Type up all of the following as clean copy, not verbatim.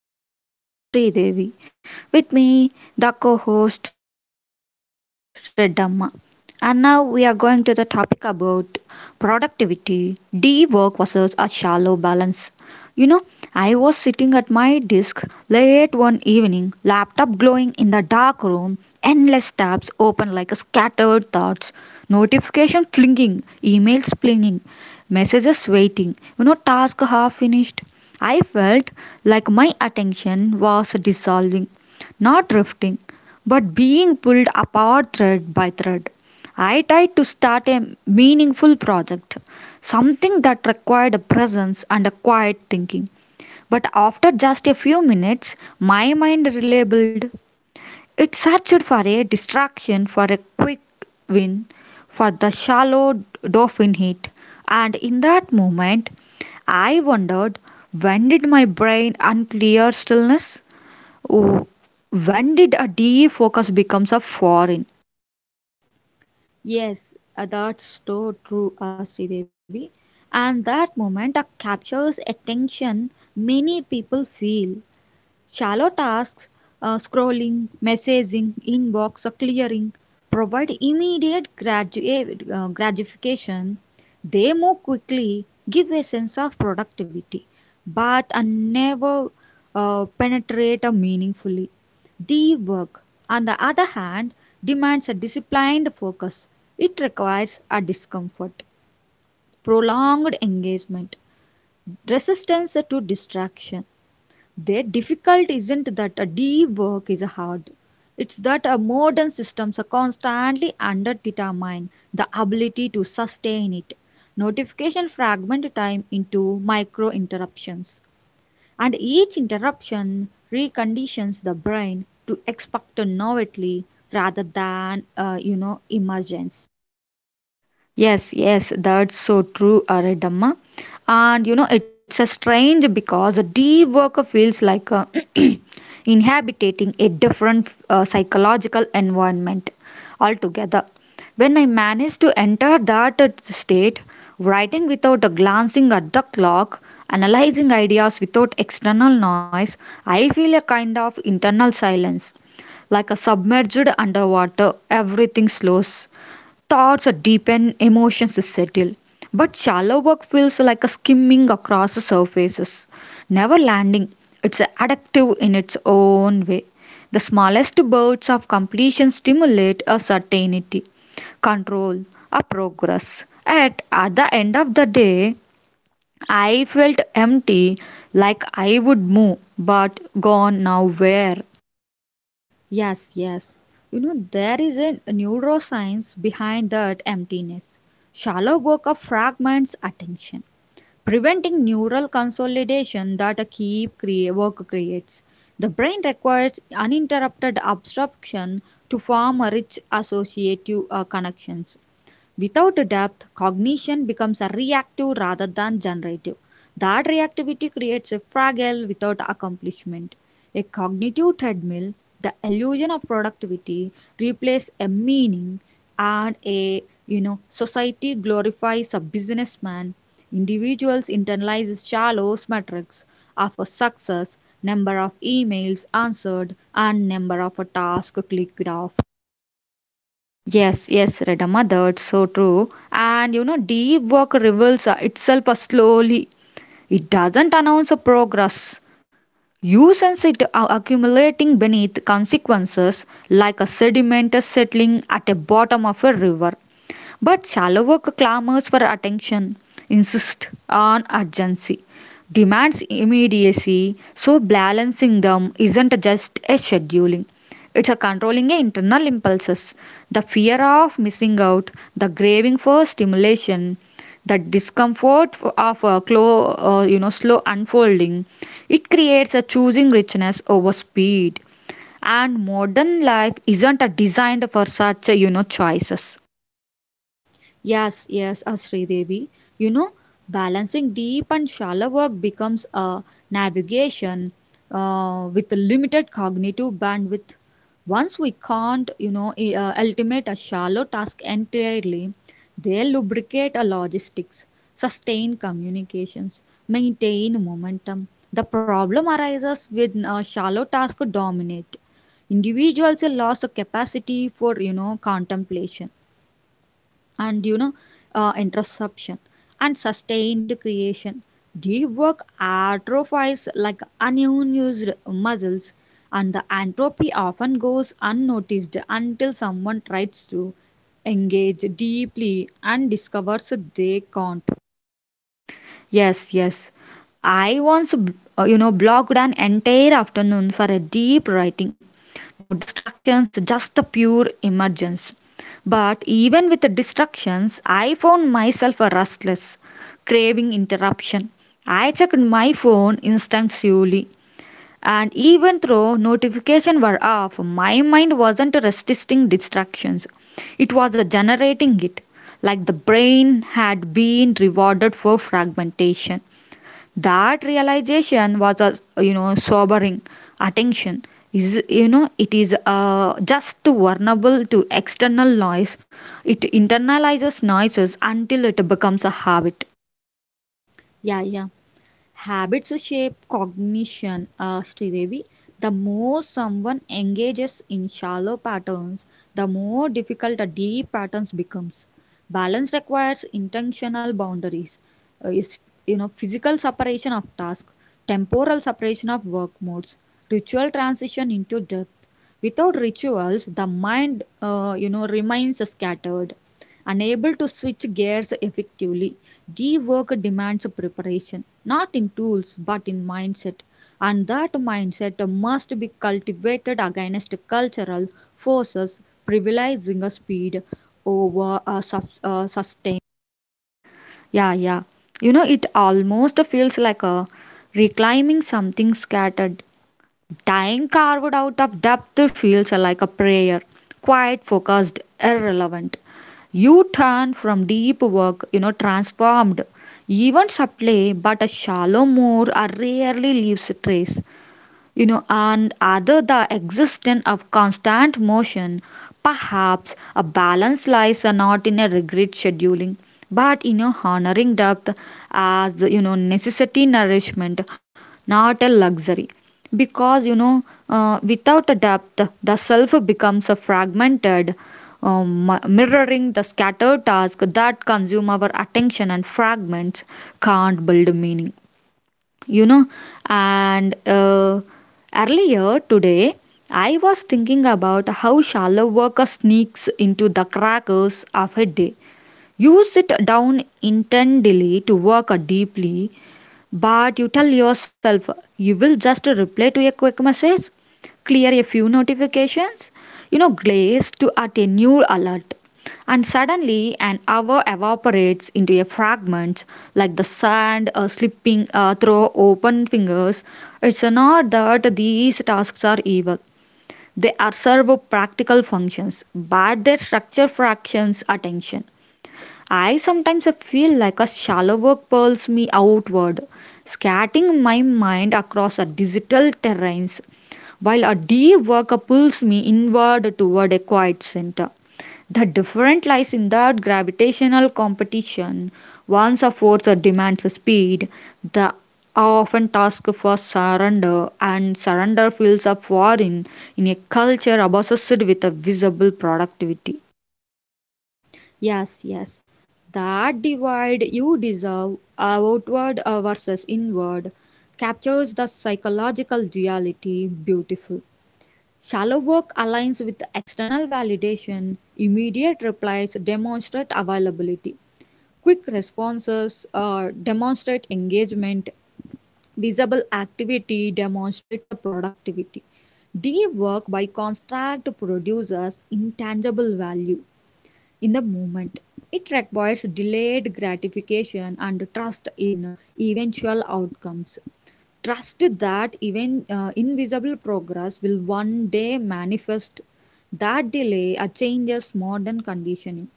I'm your host Sri Devi. With me, the co-host Reddamma. And now we are going to the topic about productivity, deep work versus a shallow balance. You know, I was sitting at my desk late one evening, laptop glowing in the dark room, endless tabs open like scattered thoughts, notifications flinging, emails flinging, messages waiting, task half finished. I felt like my attention was dissolving, not drifting, but being pulled apart thread by thread. I tried to start a meaningful project, something that required a presence and a quiet thinking. But after just a few minutes, my mind relabeled. It searched for a distraction, for a quick win, for the shallow dolphin hit, and in that moment, I wondered, when did my brain unclear stillness? Oh, when did a defocus becomes a foreign? Yes, that's so true, Devi. And that moment captures attention many people feel. Shallow tasks, scrolling, messaging, inbox, or clearing, provide immediate gratification. They move quickly, give a sense of productivity, but are never penetrate meaningfully. Deep work, on the other hand, demands a disciplined focus. It requires a discomfort, prolonged engagement, resistance to distraction the difficult isn't that a deep work is hard. It's that a modern systems are constantly underdetermine the ability to sustain it. Notification fragment time into micro interruptions, and each interruption reconditions the brain to expect novelty rather than you know emergence. Yes, yes, that's so true, Aridamma. And you know, it's a strange because a deep work feels like a inhabiting a different psychological environment altogether. When I managed to enter that state, writing without glancing at the clock, analyzing ideas without external noise, I feel a kind of internal silence. Like a submerged underwater, everything slows. Thoughts are deepen, emotions settle. But shallow work feels like a skimming across the surfaces, never landing. It's addictive in its own way. The smallest bursts of completion stimulate a certainty, control, a progress. At the end of the day, I felt empty, like I would move, but gone now where? Yes, yes. You know, there is a neuroscience behind that emptiness. Shallow work of fragments attention. Preventing neural consolidation that a work creates. The brain requires uninterrupted absorption to form a rich associative connections. Without depth, cognition becomes a reactive rather than generative. That reactivity creates a fragile without accomplishment. A cognitive treadmill, the illusion of productivity, replaces a meaning and a you know society glorifies a businessman. Individuals internalize shallow metrics of a success, number of emails answered, and number of tasks clicked off. Yes, yes, Redamma, that's so true. And you know, deep work reveals itself slowly. It doesn't announce a progress. You sense it accumulating beneath consequences like a sediment is settling at the bottom of a river. But shallower clamors for attention, insist on urgency, demands immediacy, so balancing them isn't just a scheduling. It's a controlling a internal impulses, the fear of missing out, the craving for stimulation, the discomfort of a slow unfolding. It creates a choosing richness over speed, and modern life isn't designed for such choices. Yes, yes, Sridevi. You know, balancing deep and shallow work becomes a navigation with a limited cognitive bandwidth. Once we can't, you know, ultimate a shallow task entirely, they lubricate a logistics, sustain communications, maintain momentum. The problem arises when a shallow task dominate. Individuals lose the capacity for, you know, contemplation and you know interception and sustained creation deep work atrophies like unused muscles and the entropy often goes unnoticed until someone tries to engage deeply and discovers they can't Yes, yes. I once blocked an entire afternoon for a deep writing. No distractions, just a pure emergence. But even with the distractions, I found myself a restless, craving interruption. I checked my phone instinctively, and even though notifications were off, my mind wasn't resisting distractions. It was generating it, like the brain had been rewarded for fragmentation. That realization was a sobering attention. Is it is just vulnerable to external noise? It internalizes noises until it becomes a habit. yeah, yeah. Habits shape cognition, Sridevi. The more someone engages in shallow patterns, the more difficult the deep patterns becomes. Balance requires intentional boundaries. Is you know physical separation of task, temporal separation of work modes, ritual transition into depth. Without rituals, the mind you know remains scattered. Unable to switch gears effectively, rework demands preparation, not in tools but in mindset. And that mindset must be cultivated against cultural forces privileging a speed over a sustain. Yeah, yeah. You know, it almost feels like a reclaiming something scattered. Dying carved out of depth feels like a prayer, quiet, focused, irrelevant. You turn from deep work, transformed. Even subtly, but a shallow moor are rarely leaves a trace, and other the existence of constant motion. Perhaps a balance lies not in a rigid scheduling, but in a honoring depth as necessity nourishment, not a luxury. Because without a depth, the self becomes a fragmented, mirroring the scattered task that consume our attention, and fragments can't build meaning, you know and earlier today I was thinking about how shallow work sneaks into the crackers of a day. You sit down intently to work deeply, but you tell yourself you will just reply to a quick message, clear a few notifications, glaze to at a new alert. And suddenly, an hour evaporates into a fragment like the sand slipping through open fingers. It's not that these tasks are evil, they are servo practical functions, but they structure fractions attention. I sometimes feel like a shallow work pulls me outward, scattering my mind across a digital terrains, while a deep work pulls me inward toward a quiet center. The difference lies in that gravitational competition. One's force demands speed, the often task for surrender, and surrender feels a foreign in a culture obsessed with a visible productivity. Yes, yes. That divide you deserve, outward versus inward, captures the psychological duality. Beautiful. Shallow-work aligns with external validation. Immediate replies demonstrate availability. Quick responses demonstrate engagement. Visible activity demonstrates a productivity. Deep work, by contrast, produces intangible value in the moment. It requires delayed gratification and trust in eventual outcomes. Trust that even invisible progress will one day manifest. That delay changes modern conditioning.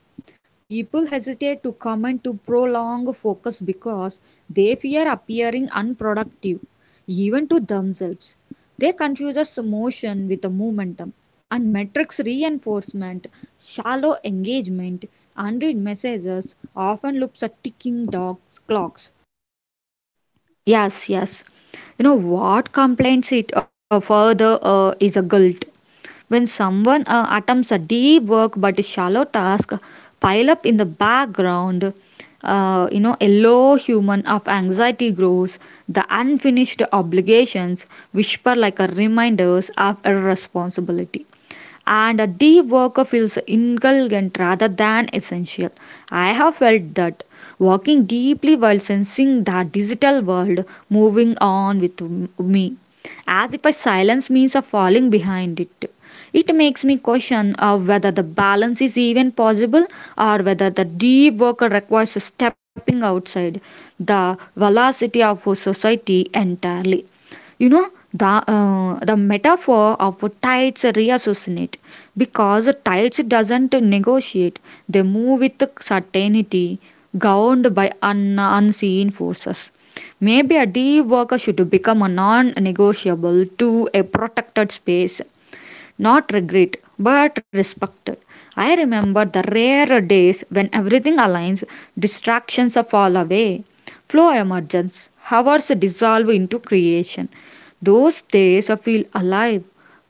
People hesitate to commit to prolonged focus because they fear appearing unproductive, even to themselves. They confuse motion with the momentum, and metrics reinforcement, shallow engagement, unread messages often looks at ticking dogs, clocks. Yes, yes. You know what complains it further is a guilt. When someone attempts a deep work but shallow task, pile up in the background, a low human of anxiety grows. The unfinished obligations whisper like a reminders of irresponsibility, and a deep work feels indulgent rather than essential. I have felt that, walking deeply while sensing the digital world moving on with me, as if a silence means a falling behind it. It makes me question of whether the balance is even possible, or whether the deep work requires stepping outside the velocity of society entirely. You know, the metaphor of tides reassociate, because tides doesn't negotiate, they move with certainty, governed by unseen forces. Maybe a deep worker should become a non negotiable to a protected space, not regret but respected. I remember the rare days when everything aligns, distractions fall away, flow emerges, hours dissolve into creation. Those days feel alive.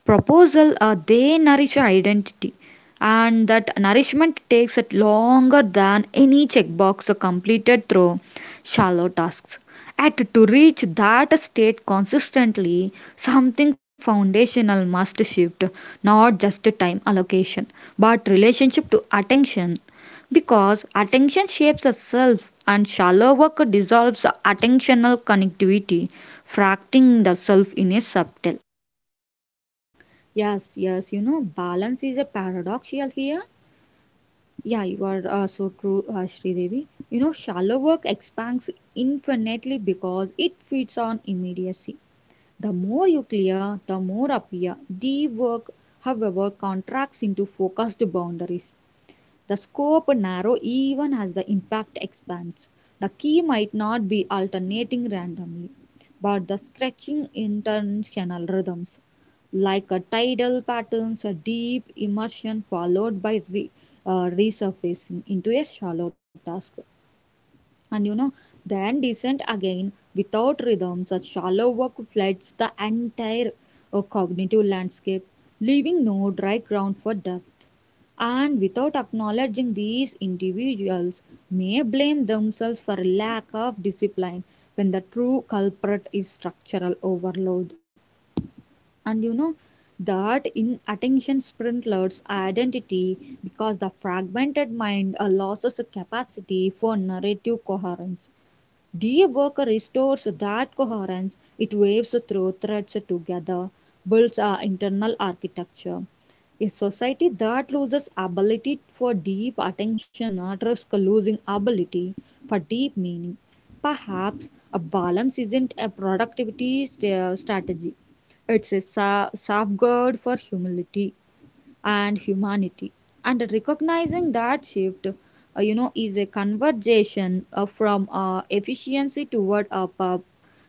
Proposal they nourish identity, and that nourishment takes it longer than any checkbox completed through shallow tasks. Yet to reach that state consistently, something foundational must shift, not just time allocation, but relationship to attention. Because attention shapes itself and shallow work dissolves attentional connectivity, fracturing the self in a subtle. Yes, yes, you know, balance is a paradoxial here. Yeah, you are so true, Sridevi. You know, shallow work expands infinitely because it feeds on immediacy. The more you clear, the more appear. Deep work, however, contracts into focused boundaries. The scope narrows even as the impact expands. The key might not be alternating randomly, but the scratching intentional rhythms, like a tidal patterns, a deep immersion followed by resurfacing into a shallow task and you know then descent again without rhythm such shallow work floods the entire cognitive landscape leaving no dry ground for depth and without acknowledging these individuals may blame themselves for lack of discipline when the true culprit is structural overload and you know that in attention sprintlers identity because the fragmented mind loses the capacity for narrative coherence. Deep work restores that coherence, it waves through threads together, builds our internal architecture. A society that loses ability for deep attention risks losing ability for deep meaning. Perhaps a balance isn't a productivity strategy, it's a safeguard for humility and humanity. And recognizing that shift, you know, is a conversation from efficiency toward a pub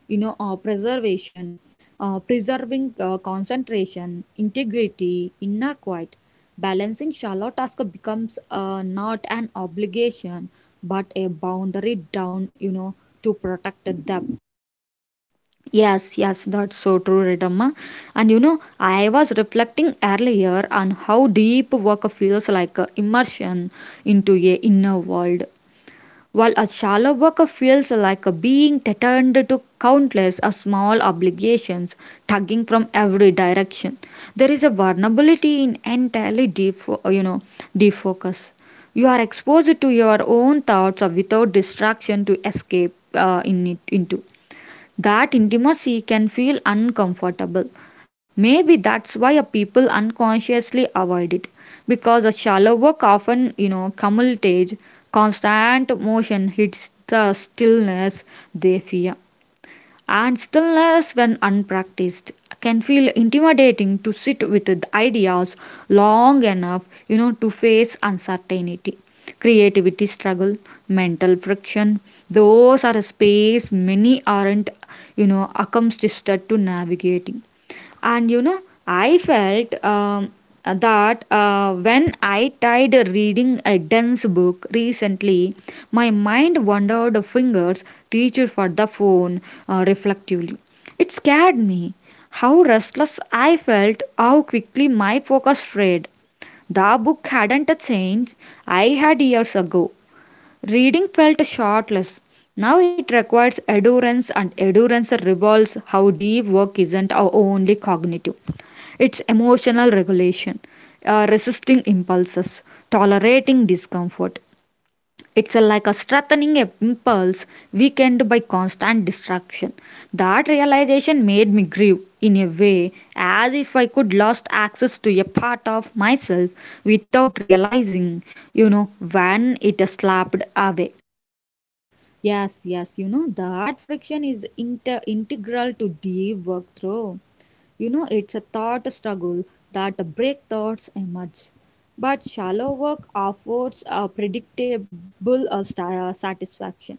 you know preservation preserving concentration integrity inner quiet balancing shallow task becomes not an obligation but a boundary down you know to protect the depth. Yes, yes, that's so true, Redamma. And you know, I was reflecting earlier on how deep work feels like a immersion into a inner world, while a shallow worker feels like a being threatened to countless or small obligations tugging from every direction. There is a vulnerability in entirely deep, defocus. You are exposed to your own thoughts or without distraction to escape in it, into that intimacy can feel uncomfortable. Maybe that's why a people unconsciously avoid it, because the shallow work often, commutates, constant motion hits the stillness they fear. And stillness, when unpracticed, can feel intimidating to sit with the ideas long enough, to face uncertainty, creativity struggle, mental friction. Those are a space many aren't, accustomed to navigating. And you know, I felt that when I tried reading a dense book recently, my mind wandered, fingers reached for the phone reflectively. It scared me. How restless I felt, how quickly my focus strayed. The book hadn't changed, I had years ago. Reading felt shortless. Now it requires endurance, and endurance revolves how deep work isn't our only cognitive. It's emotional regulation, resisting impulses, tolerating discomfort. It's a, like a strengthening a impulse weakened by constant distraction. That realization made me grieve in a way, as if I could lost access to a part of myself without realizing, when it slapped away. Yes, yes, you know that friction is integral to deep work through. You know, it's a thought struggle that break thoughts emerge. But shallow work affords a predictable satisfaction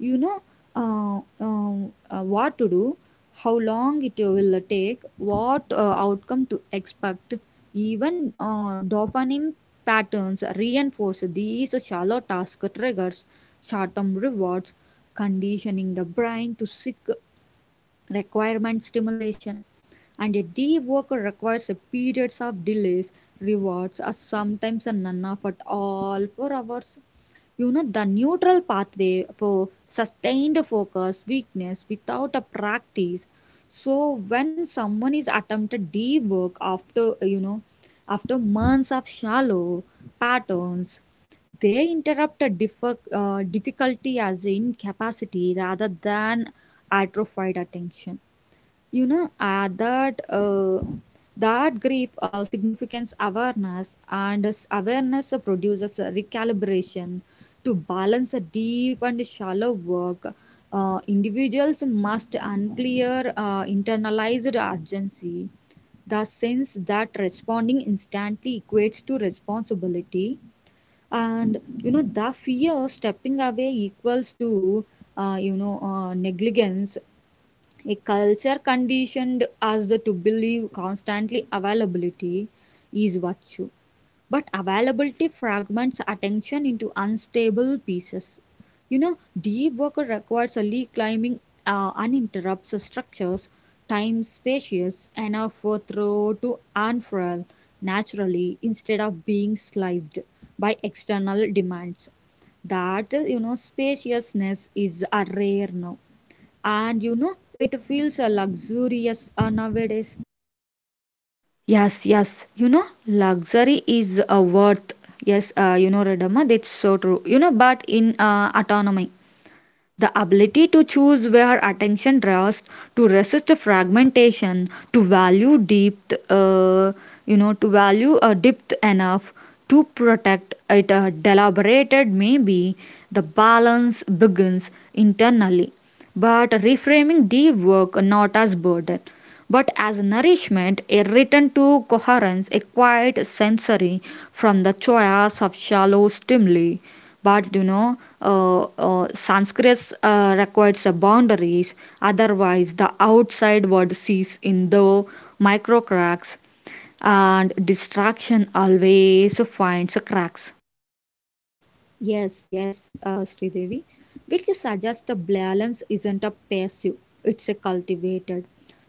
you know what to do, how long it will take, what outcome to expect. Even dopamine patterns reinforce these shallow task triggers, short term rewards, conditioning the brain to seek requirement stimulation and a deep work requires a periods of delays rewards or sometimes a none of at all for hours you know the neutral pathway for sustained focus weakness without a practice so when someone is attempted deep work after you know after months of shallow patterns they interrupt a difficulty as incapacity rather than atrophied attention. You know, that that grief significance awareness and this awareness produces a recalibration to balance a deep and shallow work. Individuals must unclear internalized urgency the sense that responding instantly equates to responsibility and you know the fear stepping away equals to you know negligence a culture conditioned us to believe constantly availability is virtue. But availability fragments attention into unstable pieces. You know, deep work requires a reclaiming uninterrupted structures, time spacious enough for throw to unfurl naturally instead of being sliced by external demands. That you know spaciousness is a rare now and you know it feels luxurious nowadays. Yes, yes. You know, luxury is a worth. Yes, Radama, that's so true. You know, but in autonomy. The ability to choose where attention rests, to resist fragmentation, to value depth, to value a depth enough to protect it, deliberated, maybe the balance begins internally. But reframing deep work not as burden, but as nourishment, a return to coherence, a quiet sensory from the choice of shallow stimuli. But Sanskrit requires a boundaries, otherwise, the outside world sees in the micro cracks, and distraction always finds cracks. Yes, yes, Sridevi, which suggests the balance isn't a passive it's a cultivated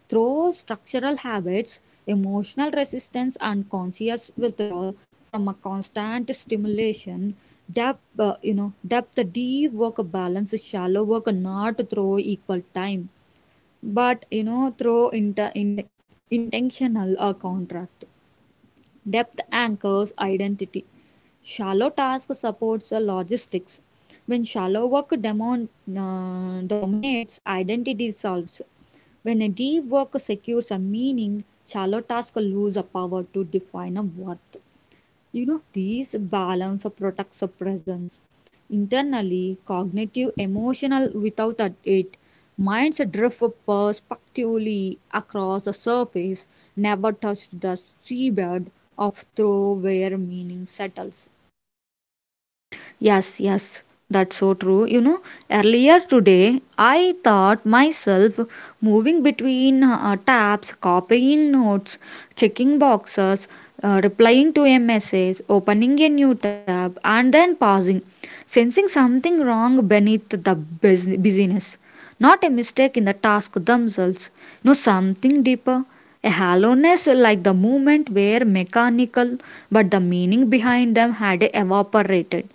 through structural habits emotional resistance and conscious withdrawal from a constant stimulation depth you know depth deep work balance shallow work not through equal time but you know through intentional contract. Depth anchors identity. Shallow task supports the logistics. When shallow work dominates, identity solves. When a deep work secures a meaning, shallow tasks lose a power to define a worth you know these balance protects the presence internally cognitive emotional without that it minds drift perspectively across the surface never touch the seabed of through where meaning settles. Yes, yes, that's so true. You know, earlier today I thought myself moving between tabs, copying notes, checking boxes, replying to a message, opening a new tab, and then pausing, sensing something wrong beneath the busyness. Not a mistake in the task themselves, no, something deeper. A hollowness, like the movement were mechanical, but the meaning behind them had evaporated.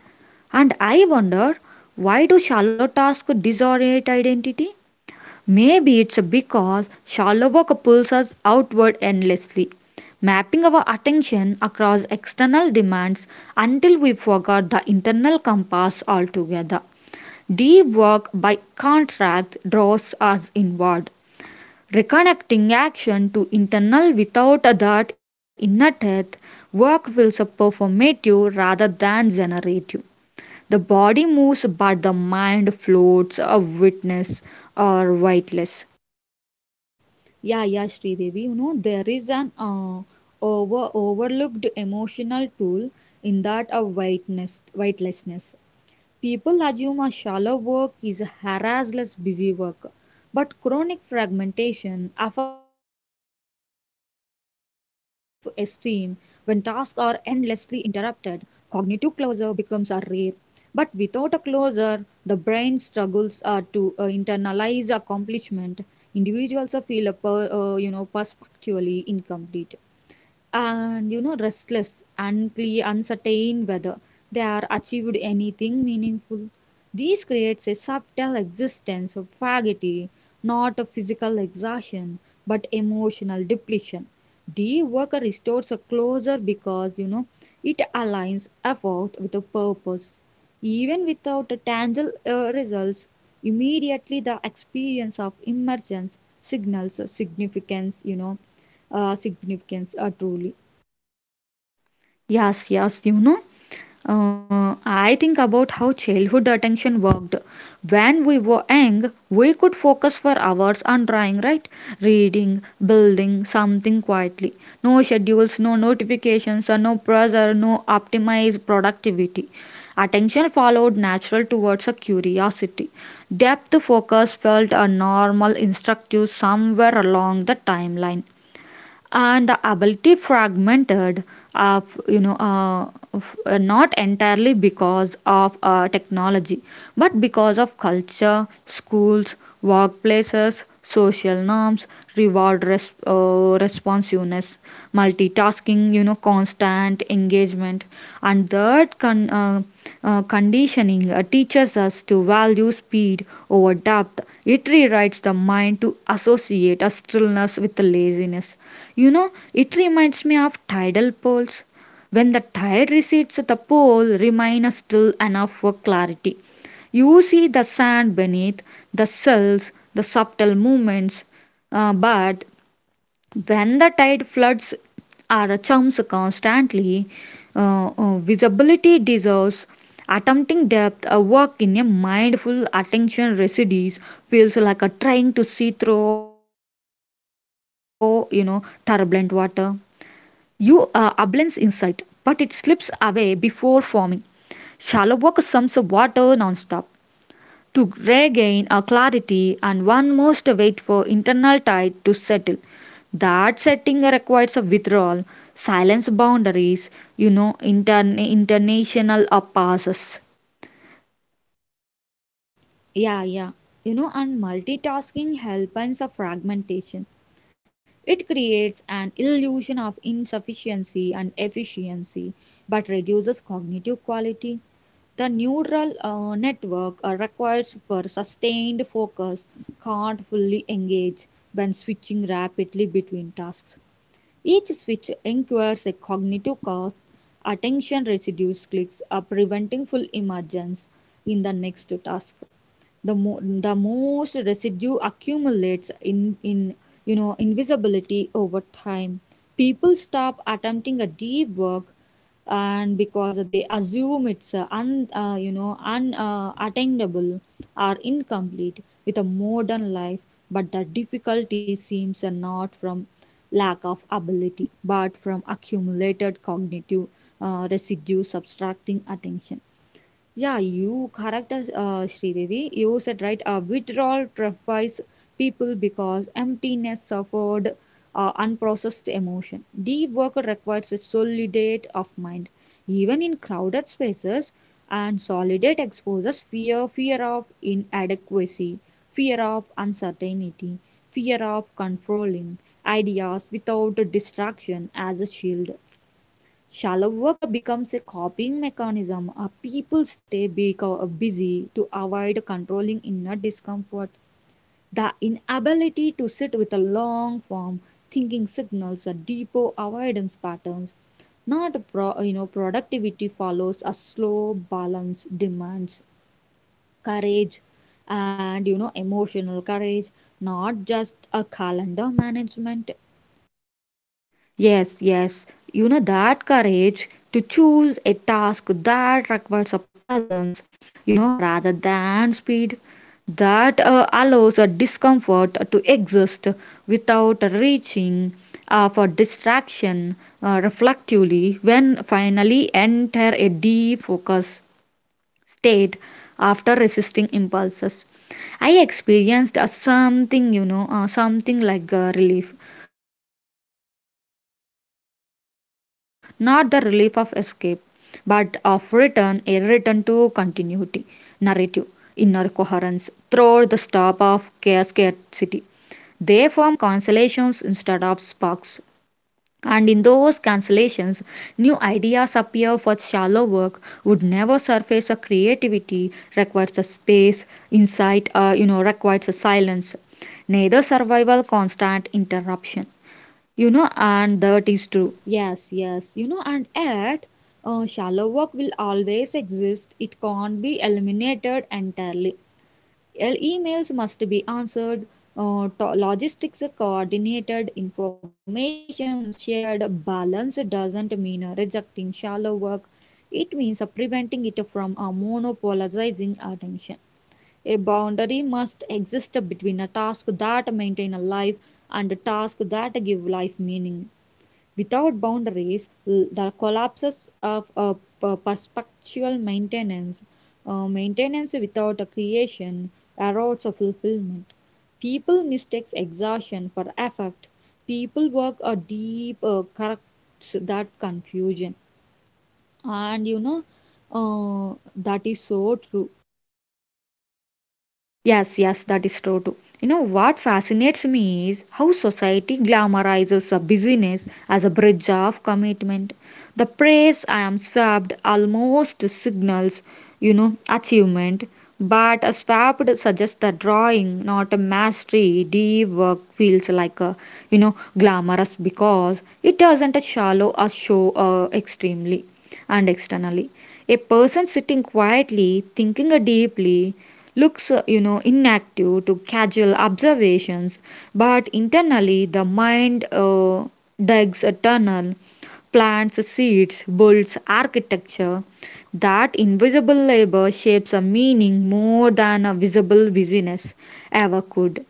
And I wonder, why do shallow tasks disorient identity? Maybe it's because shallow pulls us outward endlessly, mapping our attention across external demands until we forgot the internal compass altogether. Deep work, by contrast, draws us inward, reconnecting action to internal, without that inner depth. Work feels performative rather than generative. The body moves, but the mind floats, a witness or weightless. Yeah, yeah, Devi. You know there is an overlooked emotional tool in that of whiteness whitelessness. People assume a shallow work is a harassless busy work, but chronic fragmentation affects self esteem when tasks are endlessly interrupted. Cognitive closure becomes a rare, but without a closure, the brain struggles to internalize accomplishment. Individuals feel a you know perpetually incomplete and you know restless unclear uncertain whether they are achieved anything meaningful this creates a subtle existence of fatigue not a physical exhaustion but emotional depletion the worker restores a closure because you know it aligns effort with a purpose even without a tangible results immediately the experience of emergence signals a significance you know significance truly. Yes, yes, you know. I think about how childhood attention worked. When we were young, we could focus for hours on drawing, right? Reading, building something quietly. No schedules, no notifications, and no pressure, no optimized productivity. Attention followed natural towards a curiosity. Depth focus felt a normal instructive somewhere along the timeline, and the ability fragmented of, not entirely because of technology, but because of culture, schools, workplaces, social norms, reward, responsiveness, multitasking, constant engagement. And that conditioning teaches us to value speed over depth. It rewrites the mind to associate a stillness with laziness. You know, it reminds me of tidal poles. When the tide recedes, the pole remains still enough for clarity. You see the sand beneath, the cells, the subtle movements, but when the tide floods or chumps constantly, visibility deserves attempting depth, a work in a mindful attention residues feels like a trying to see through, turbulent water. You ablates inside, but it slips away before forming. Shallow work sums up water nonstop. To regain a clarity, and one must wait for internal tide to settle. That setting requires a withdrawal, silence boundaries, intern international passes. Yeah, yeah. You know, and multitasking helps a fragmentation. It creates an illusion of insufficiency and efficiency, but reduces cognitive quality. The neural network requires for sustained focus can't fully engage when switching rapidly between tasks. Each switch incurs a cognitive cost. Attention residue clicks are preventing full emergence in the next task. The most residue accumulates in you know invisibility over time. People stop attempting a deep work and because they assume it's you know unattainable or incomplete with a modern life but the difficulty seems not from lack of ability, but from accumulated cognitive residue subtracting attention. Yeah, you correct us, Sridevi. You said right. Withdrawal terrifies people because emptiness suffered unprocessed emotion. Deep work requires a solidate of mind. Even in crowded spaces, and solidate exposes fear, fear of inadequacy, fear of uncertainty, fear of controlling ideas without distraction as a shield. Shallow work becomes a coping mechanism. People stay busy to avoid controlling inner discomfort. The inability to sit with a long form thinking signals a deeper avoidance patterns. Not pro- You know productivity follows a slow balance demands courage and you know emotional courage, not just a calendar management. Yes, yes. You know that courage to choose a task that requires a presence, rather than speed, that allows a discomfort to exist without reaching for distraction reflectively when finally enter a deep focus state after resisting impulses. I experienced a something, something like a relief. Not the relief of escape, but of return, a return to continuity, narrative, inner coherence, through the stop of scarcity. They form consolations instead of sparks. And in those cancellations, new ideas appear for shallow work would never surface. A creativity requires a space, insight, requires a silence. Neither survival constant interruption. You know, and that is true. Yes, yes, you know, and yet shallow work will always exist. It can't be eliminated entirely. Emails must be answered, logistics are coordinated, information shared, balance doesn't mean rejecting shallow work. It means preventing it from monopolizing attention. A boundary must exist between a task that maintain a life and a task that give life meaning. Without boundaries, the collapses of perspectual maintenance, maintenance without a creation, erodes a fulfillment. People mistakes exhaustion for effort. People work a deep corrects that confusion, and you know that is so true. Yes, yes, that is true too. You know what fascinates me is how society glamorizes a busyness as a bridge of commitment. The praise I am swapped almost signals, achievement, but a swapped suggests that drawing, not a mastery, deep work feels like a, glamorous because it doesn't a shallow or show extremely and externally. A person sitting quietly, thinking deeply, looks inactive to casual observations, but internally the mind digs a tunnel, plants seeds, builds architecture. That invisible labor shapes a meaning more than a visible busyness ever could.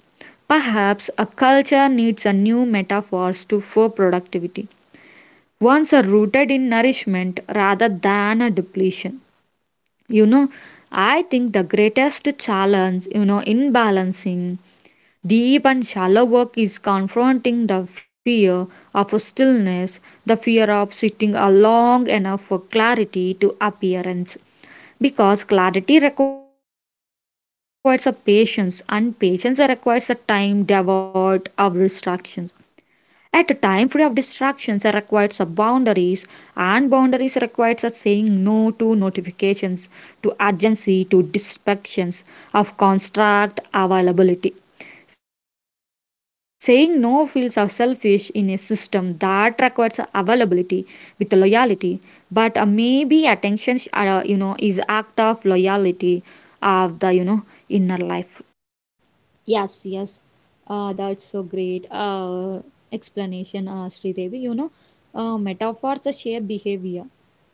Perhaps a culture needs a new metaphors to for productivity, ones are rooted in nourishment rather than a depletion. you know, I think the greatest challenge, in balancing deep and shallow work is confronting the fear of stillness, the fear of sitting a long enough for clarity to appearance. Because clarity requires a patience, and patience requires a time devoid of distractions. At a time free of distractions requires a boundaries, and boundaries requires a saying no to notifications, to urgency, to distractions of construct availability. Saying no feels are selfish in a system that requires availability with a loyalty, but maybe attention, is act of loyalty of the inner life. Yes, yes. That's so great explanation, Sridevi. You know, metaphors shape behavior.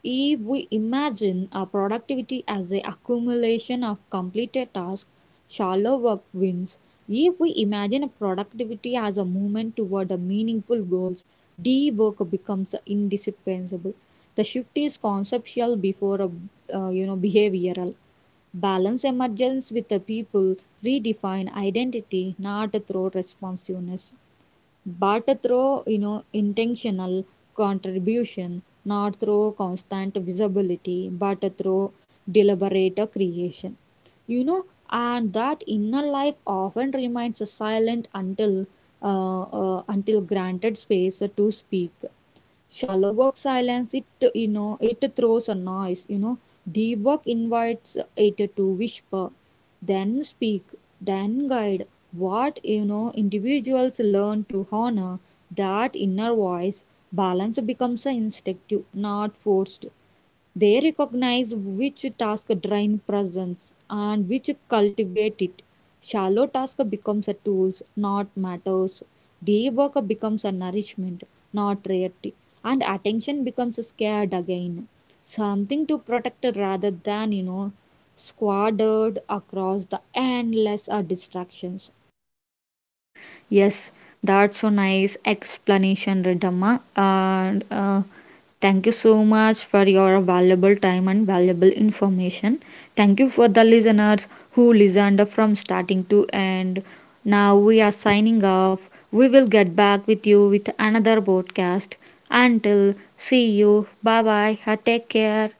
If we imagine productivity as the accumulation of completed tasks, shallow work wins. If we imagine a productivity as a movement toward a meaningful goals, deep work becomes indispensable. The shift is conceptual before a, you know behavioral. Balance emergence with the people, redefine identity not through responsiveness, but through you know intentional contribution, not through constant visibility, but through deliberate creation. You know, and that inner life often remains silent until granted space to speak shallow work silence it you know it throws a noise you know deep work invites it to whisper then speak then guide what you know individuals learn to honor that inner voice balance becomes an instinctive not forced they recognize which task drain presence and which cultivate it. Shallow task becomes a tool, not matters. Deep work becomes a nourishment, not rarity. And attention becomes scared again. Something to protect rather than, you know, squandered across the endless distractions. Yes, that's so nice explanation, Riddhamma. And thank you so much for your valuable time and valuable information. Thank you for the listeners who listened from starting to end. Now we are signing off. We will get back with you with another podcast. Until see you. Bye bye. Take care.